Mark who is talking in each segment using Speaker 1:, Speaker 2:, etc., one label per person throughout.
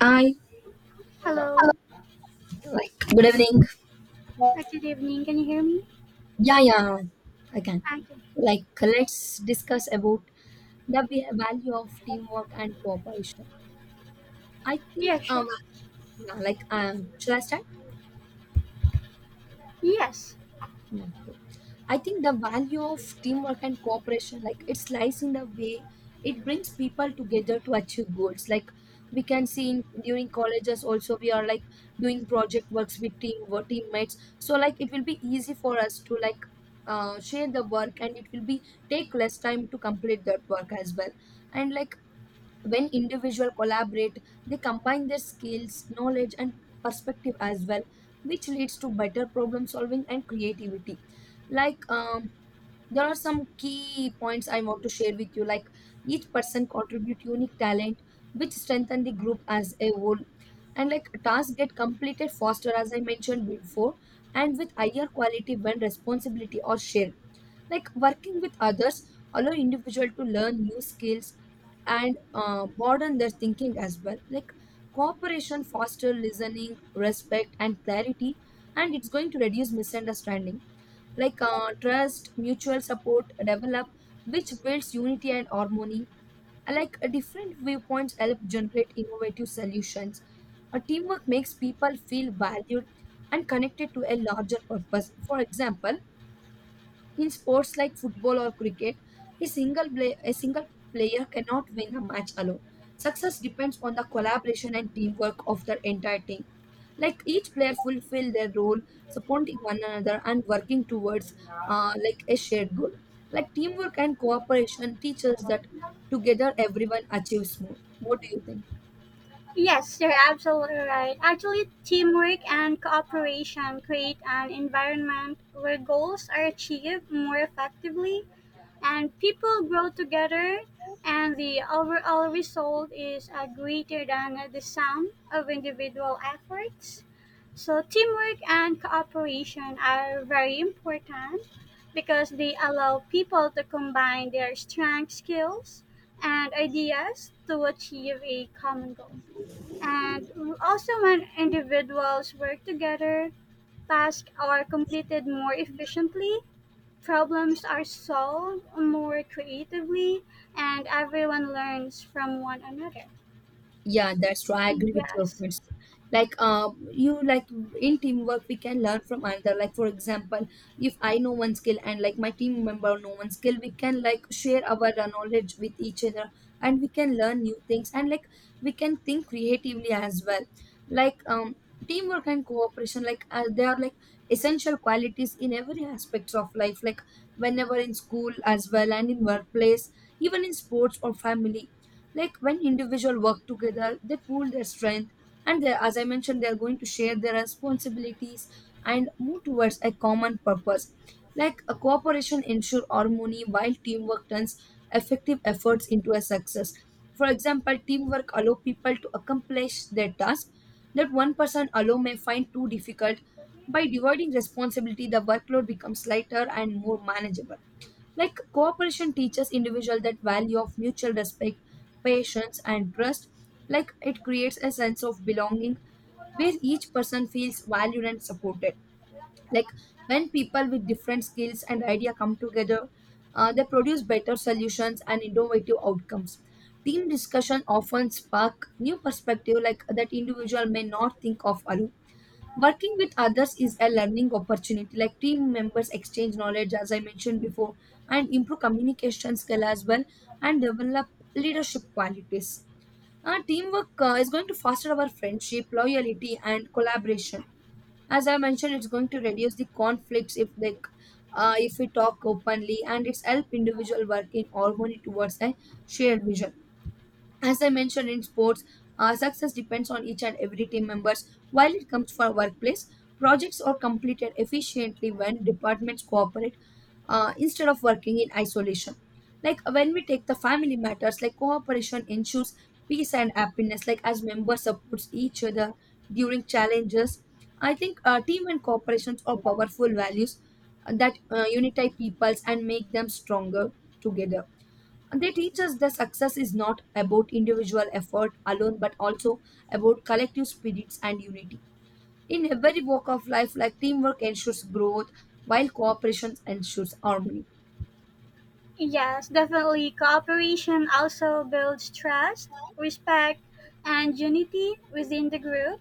Speaker 1: I uh,
Speaker 2: Hello.
Speaker 1: like good evening.
Speaker 2: Good evening. Can you hear me?
Speaker 1: Yeah, yeah, I can.
Speaker 2: I can.
Speaker 1: Like, let's discuss about the value of teamwork and cooperation. I think
Speaker 2: Yeah, sure.
Speaker 1: yeah, like should I start?
Speaker 2: Yes.
Speaker 1: Yeah, cool. I think the value of teamwork and cooperation, like it lies in the way it brings people together to achieve goals. Like we can see in, during colleges also, we are like doing project works with teammates. So like it will be easy for us to like share the work, and it will be take less time to complete that work as well. And like when individual collaborate, they combine their skills, knowledge, and perspective as well, which leads to better problem solving and creativity. Like there are some key points I want to share with you. Like each person contribute unique talent which strengthen the group as a whole, and like tasks get completed faster, as I mentioned before, and with higher quality when responsibility or shared. Like working with others allow individual to learn new skills and broaden their thinking as well. Like cooperation foster listening, respect, and clarity, and it's going to reduce misunderstanding. Like trust, mutual support develop, which builds unity and harmony. And, like different viewpoints help generate innovative solutions. A teamwork makes people feel valued and connected to a larger purpose. For example, in sports like football or cricket, a single player cannot win a match alone. Success depends on the collaboration and teamwork of the entire team. Like each player fulfill their role, supporting one another and working towards like a shared goal. Like teamwork and cooperation teaches that together everyone achieves more. What do you think?
Speaker 2: Yes, you're absolutely right. Actually, teamwork and cooperation create an environment where goals are achieved more effectively, and people grow together, and the overall result is greater than the sum of individual efforts. So teamwork and cooperation are very important because they allow people to combine their strengths, skills, and ideas to achieve a common goal. And also, when individuals work together, tasks are completed more efficiently. Problems are solved more creatively, and everyone learns from one another.
Speaker 1: Yeah, that's true. I agree with your
Speaker 2: Yes,
Speaker 1: points. Like, you like in teamwork, we can learn from another. Like, for example, if I know one skill and like my team member know one skill, we can like share our knowledge with each other, and we can learn new things, and like we can think creatively as well. Like, teamwork and cooperation, like they are like essential qualities in every aspects of life. Like, whenever in school as well, and in workplace, even in sports or family, like when individuals work together, they pool their strength, and they, as I mentioned, they are going to share their responsibilities and move towards a common purpose. Like a cooperation ensure harmony while teamwork turns effective efforts into a success. For example, teamwork allow people to accomplish their task that one person alone may find too difficult. By dividing responsibility, the workload becomes lighter and more manageable. Like cooperation teaches individual that value of mutual respect, patience, and trust. Like it creates a sense of belonging where each person feels valued and supported. Like when people with different skills and idea come together, they produce better solutions and innovative outcomes. Team discussion often spark new perspective like that individual may not think of alone. Working with others is a learning opportunity, like team members exchange knowledge, as I mentioned before, and improve communication skill as well, and develop leadership qualities. Our teamwork is going to foster our friendship, loyalty, and collaboration. As I mentioned, it's going to reduce the conflicts if they, if we talk openly, and it's help individual work in harmony towards a shared vision. As I mentioned in sports, success depends on each and every team members. While it comes for workplace, projects are completed efficiently when departments cooperate, instead of working in isolation. Like when we take the family matters, like cooperation ensures peace and happiness. Like as members supports each other during challenges, I think team and corporations are powerful values that unify peoples and make them stronger together. They teach us that success is not about individual effort alone, but also about collective spirits and unity. In every walk of life, like teamwork ensures growth, while cooperation ensures harmony.
Speaker 2: yes, definitely. Cooperation also builds trust, respect, and unity within the group.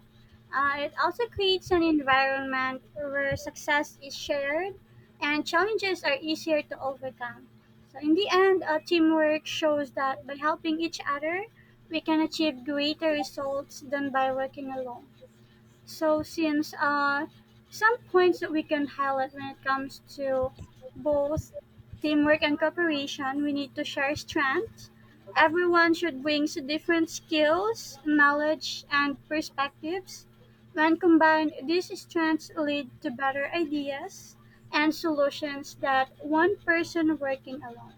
Speaker 2: It also creates an environment where success is shared and challenges are easier to overcome. So, in the end, teamwork shows that by helping each other, we can achieve greater results than by working alone. So, since some points that we can highlight when it comes to both teamwork and cooperation, we need to share strengths. Everyone should bring different skills, knowledge, and perspectives. When combined, these strengths lead to better ideas and solutions that one person working alone.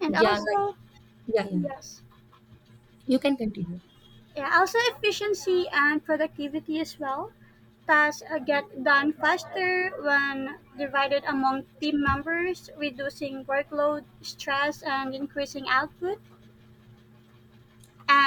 Speaker 2: And
Speaker 1: Yeah, like
Speaker 2: also,
Speaker 1: yeah, yeah, yeah.
Speaker 2: yes,
Speaker 1: You can continue.
Speaker 2: yeah, also efficiency and productivity as well. Tasks get done faster when divided among team members, reducing workload, stress, and increasing output.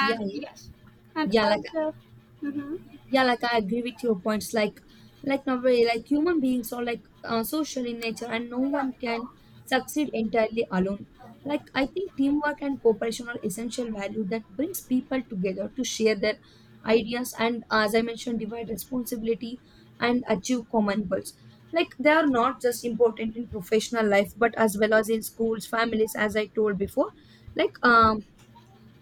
Speaker 1: Yeah, yeah,
Speaker 2: yes, and
Speaker 1: yeah, like
Speaker 2: also, mhm,
Speaker 1: yeah, like I agree with your points. Like nobody, like human beings are like social in nature, and no one can succeed entirely alone. Like I think teamwork and cooperation are essential value that brings people together to share their ideas and, as I mentioned, divide responsibility and achieve common goals. Like they are not just important in professional life, but as well as in schools, families, as I told before. Like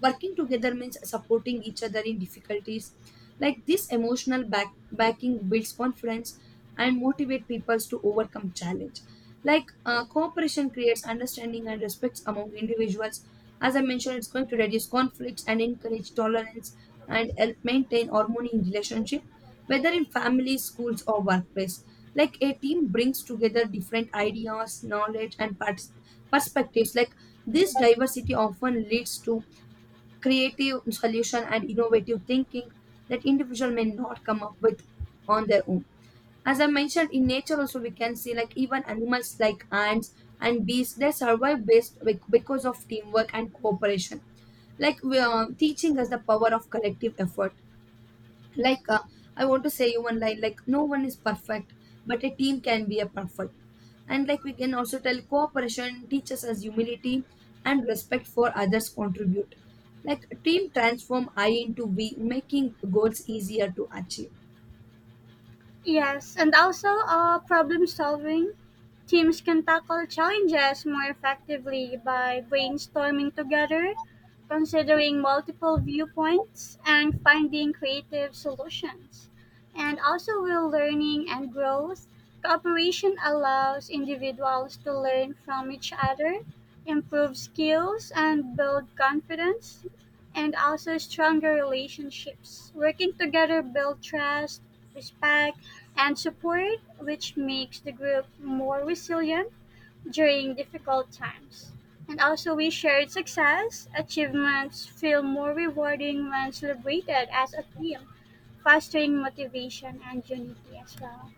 Speaker 1: working together means supporting each other in difficulties. Like this emotional backing builds confidence and motivate people to overcome challenge. Like cooperation creates understanding and respects among individuals. As I mentioned, it's going to reduce conflicts and encourage tolerance and help maintain harmony in relationship whether in families, schools, or workplace. Like a team brings together different ideas, knowledge, and perspectives. Like this diversity often leads to creative solution and innovative thinking that individual may not come up with on their own. As I mentioned, in nature also we can see, like even animals like ants and bees, they survive based because of teamwork and cooperation. Like we are teaching us the power of collective effort. Like I want to say you one line. Like no one is perfect, but a team can be a perfect. And like we can also tell cooperation teaches us humility and respect for others contribute. Like team transform I into we, making goals easier to achieve.
Speaker 2: yes, and also problem solving. Teams can tackle challenges more effectively by brainstorming together, considering multiple viewpoints, and finding creative solutions. And also, with learning and growth, cooperation allows individuals to learn from each other, improve skills, and build confidence, and also stronger relationships. Working together build trust, respect, and support, which makes the group more resilient during difficult times. And also, we shared success. Achievements feel more rewarding when celebrated as a team, fostering motivation and unity as well.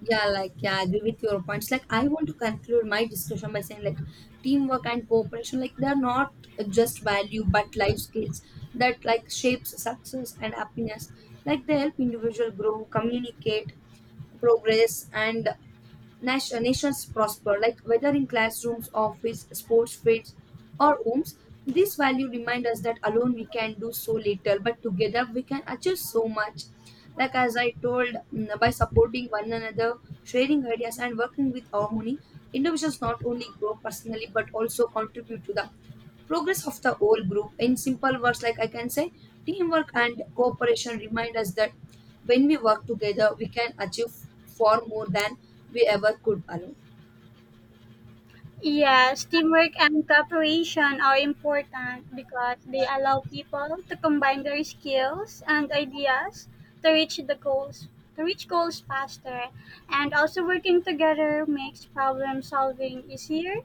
Speaker 1: Yeah, like yeah, I agree with your points. Like I want to conclude my discussion by saying, like teamwork and cooperation, like they are not just value but life skills that like shapes success and happiness. Like they help individual grow, communicate, progress and nations prosper, like whether in classrooms, office, sports fields, or homes. This value reminds us that alone we can do so little, but together we can achieve so much. Like as I told, by supporting one another, sharing ideas, and working with harmony, individuals not only grow personally but also contribute to the progress of the whole group. In simple words, like I can say, teamwork and cooperation remind us that when we work together, we can achieve far more than we ever could alone.
Speaker 2: Yes, teamwork and cooperation are important because they allow people to combine their skills and ideas to reach the goals, to reach goals faster. And also, working together makes problem solving easier,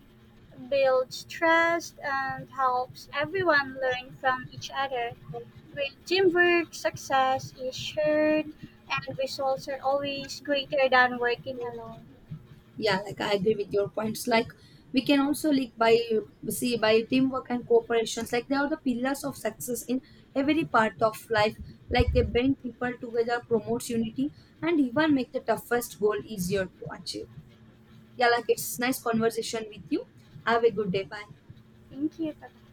Speaker 2: builds trust, and helps everyone learn from each other. With teamwork, success is shared and results are always greater than working alone.
Speaker 1: Yeah, like I agree with your points. Like we can also, like, by see, by teamwork and cooperations, like they are the pillars of success in every part of life. Like they bring people together, promotes unity, and even make the toughest goal easier to achieve. Yeah, like it's nice conversation with you. Have a good day. Bye.
Speaker 2: Thank you.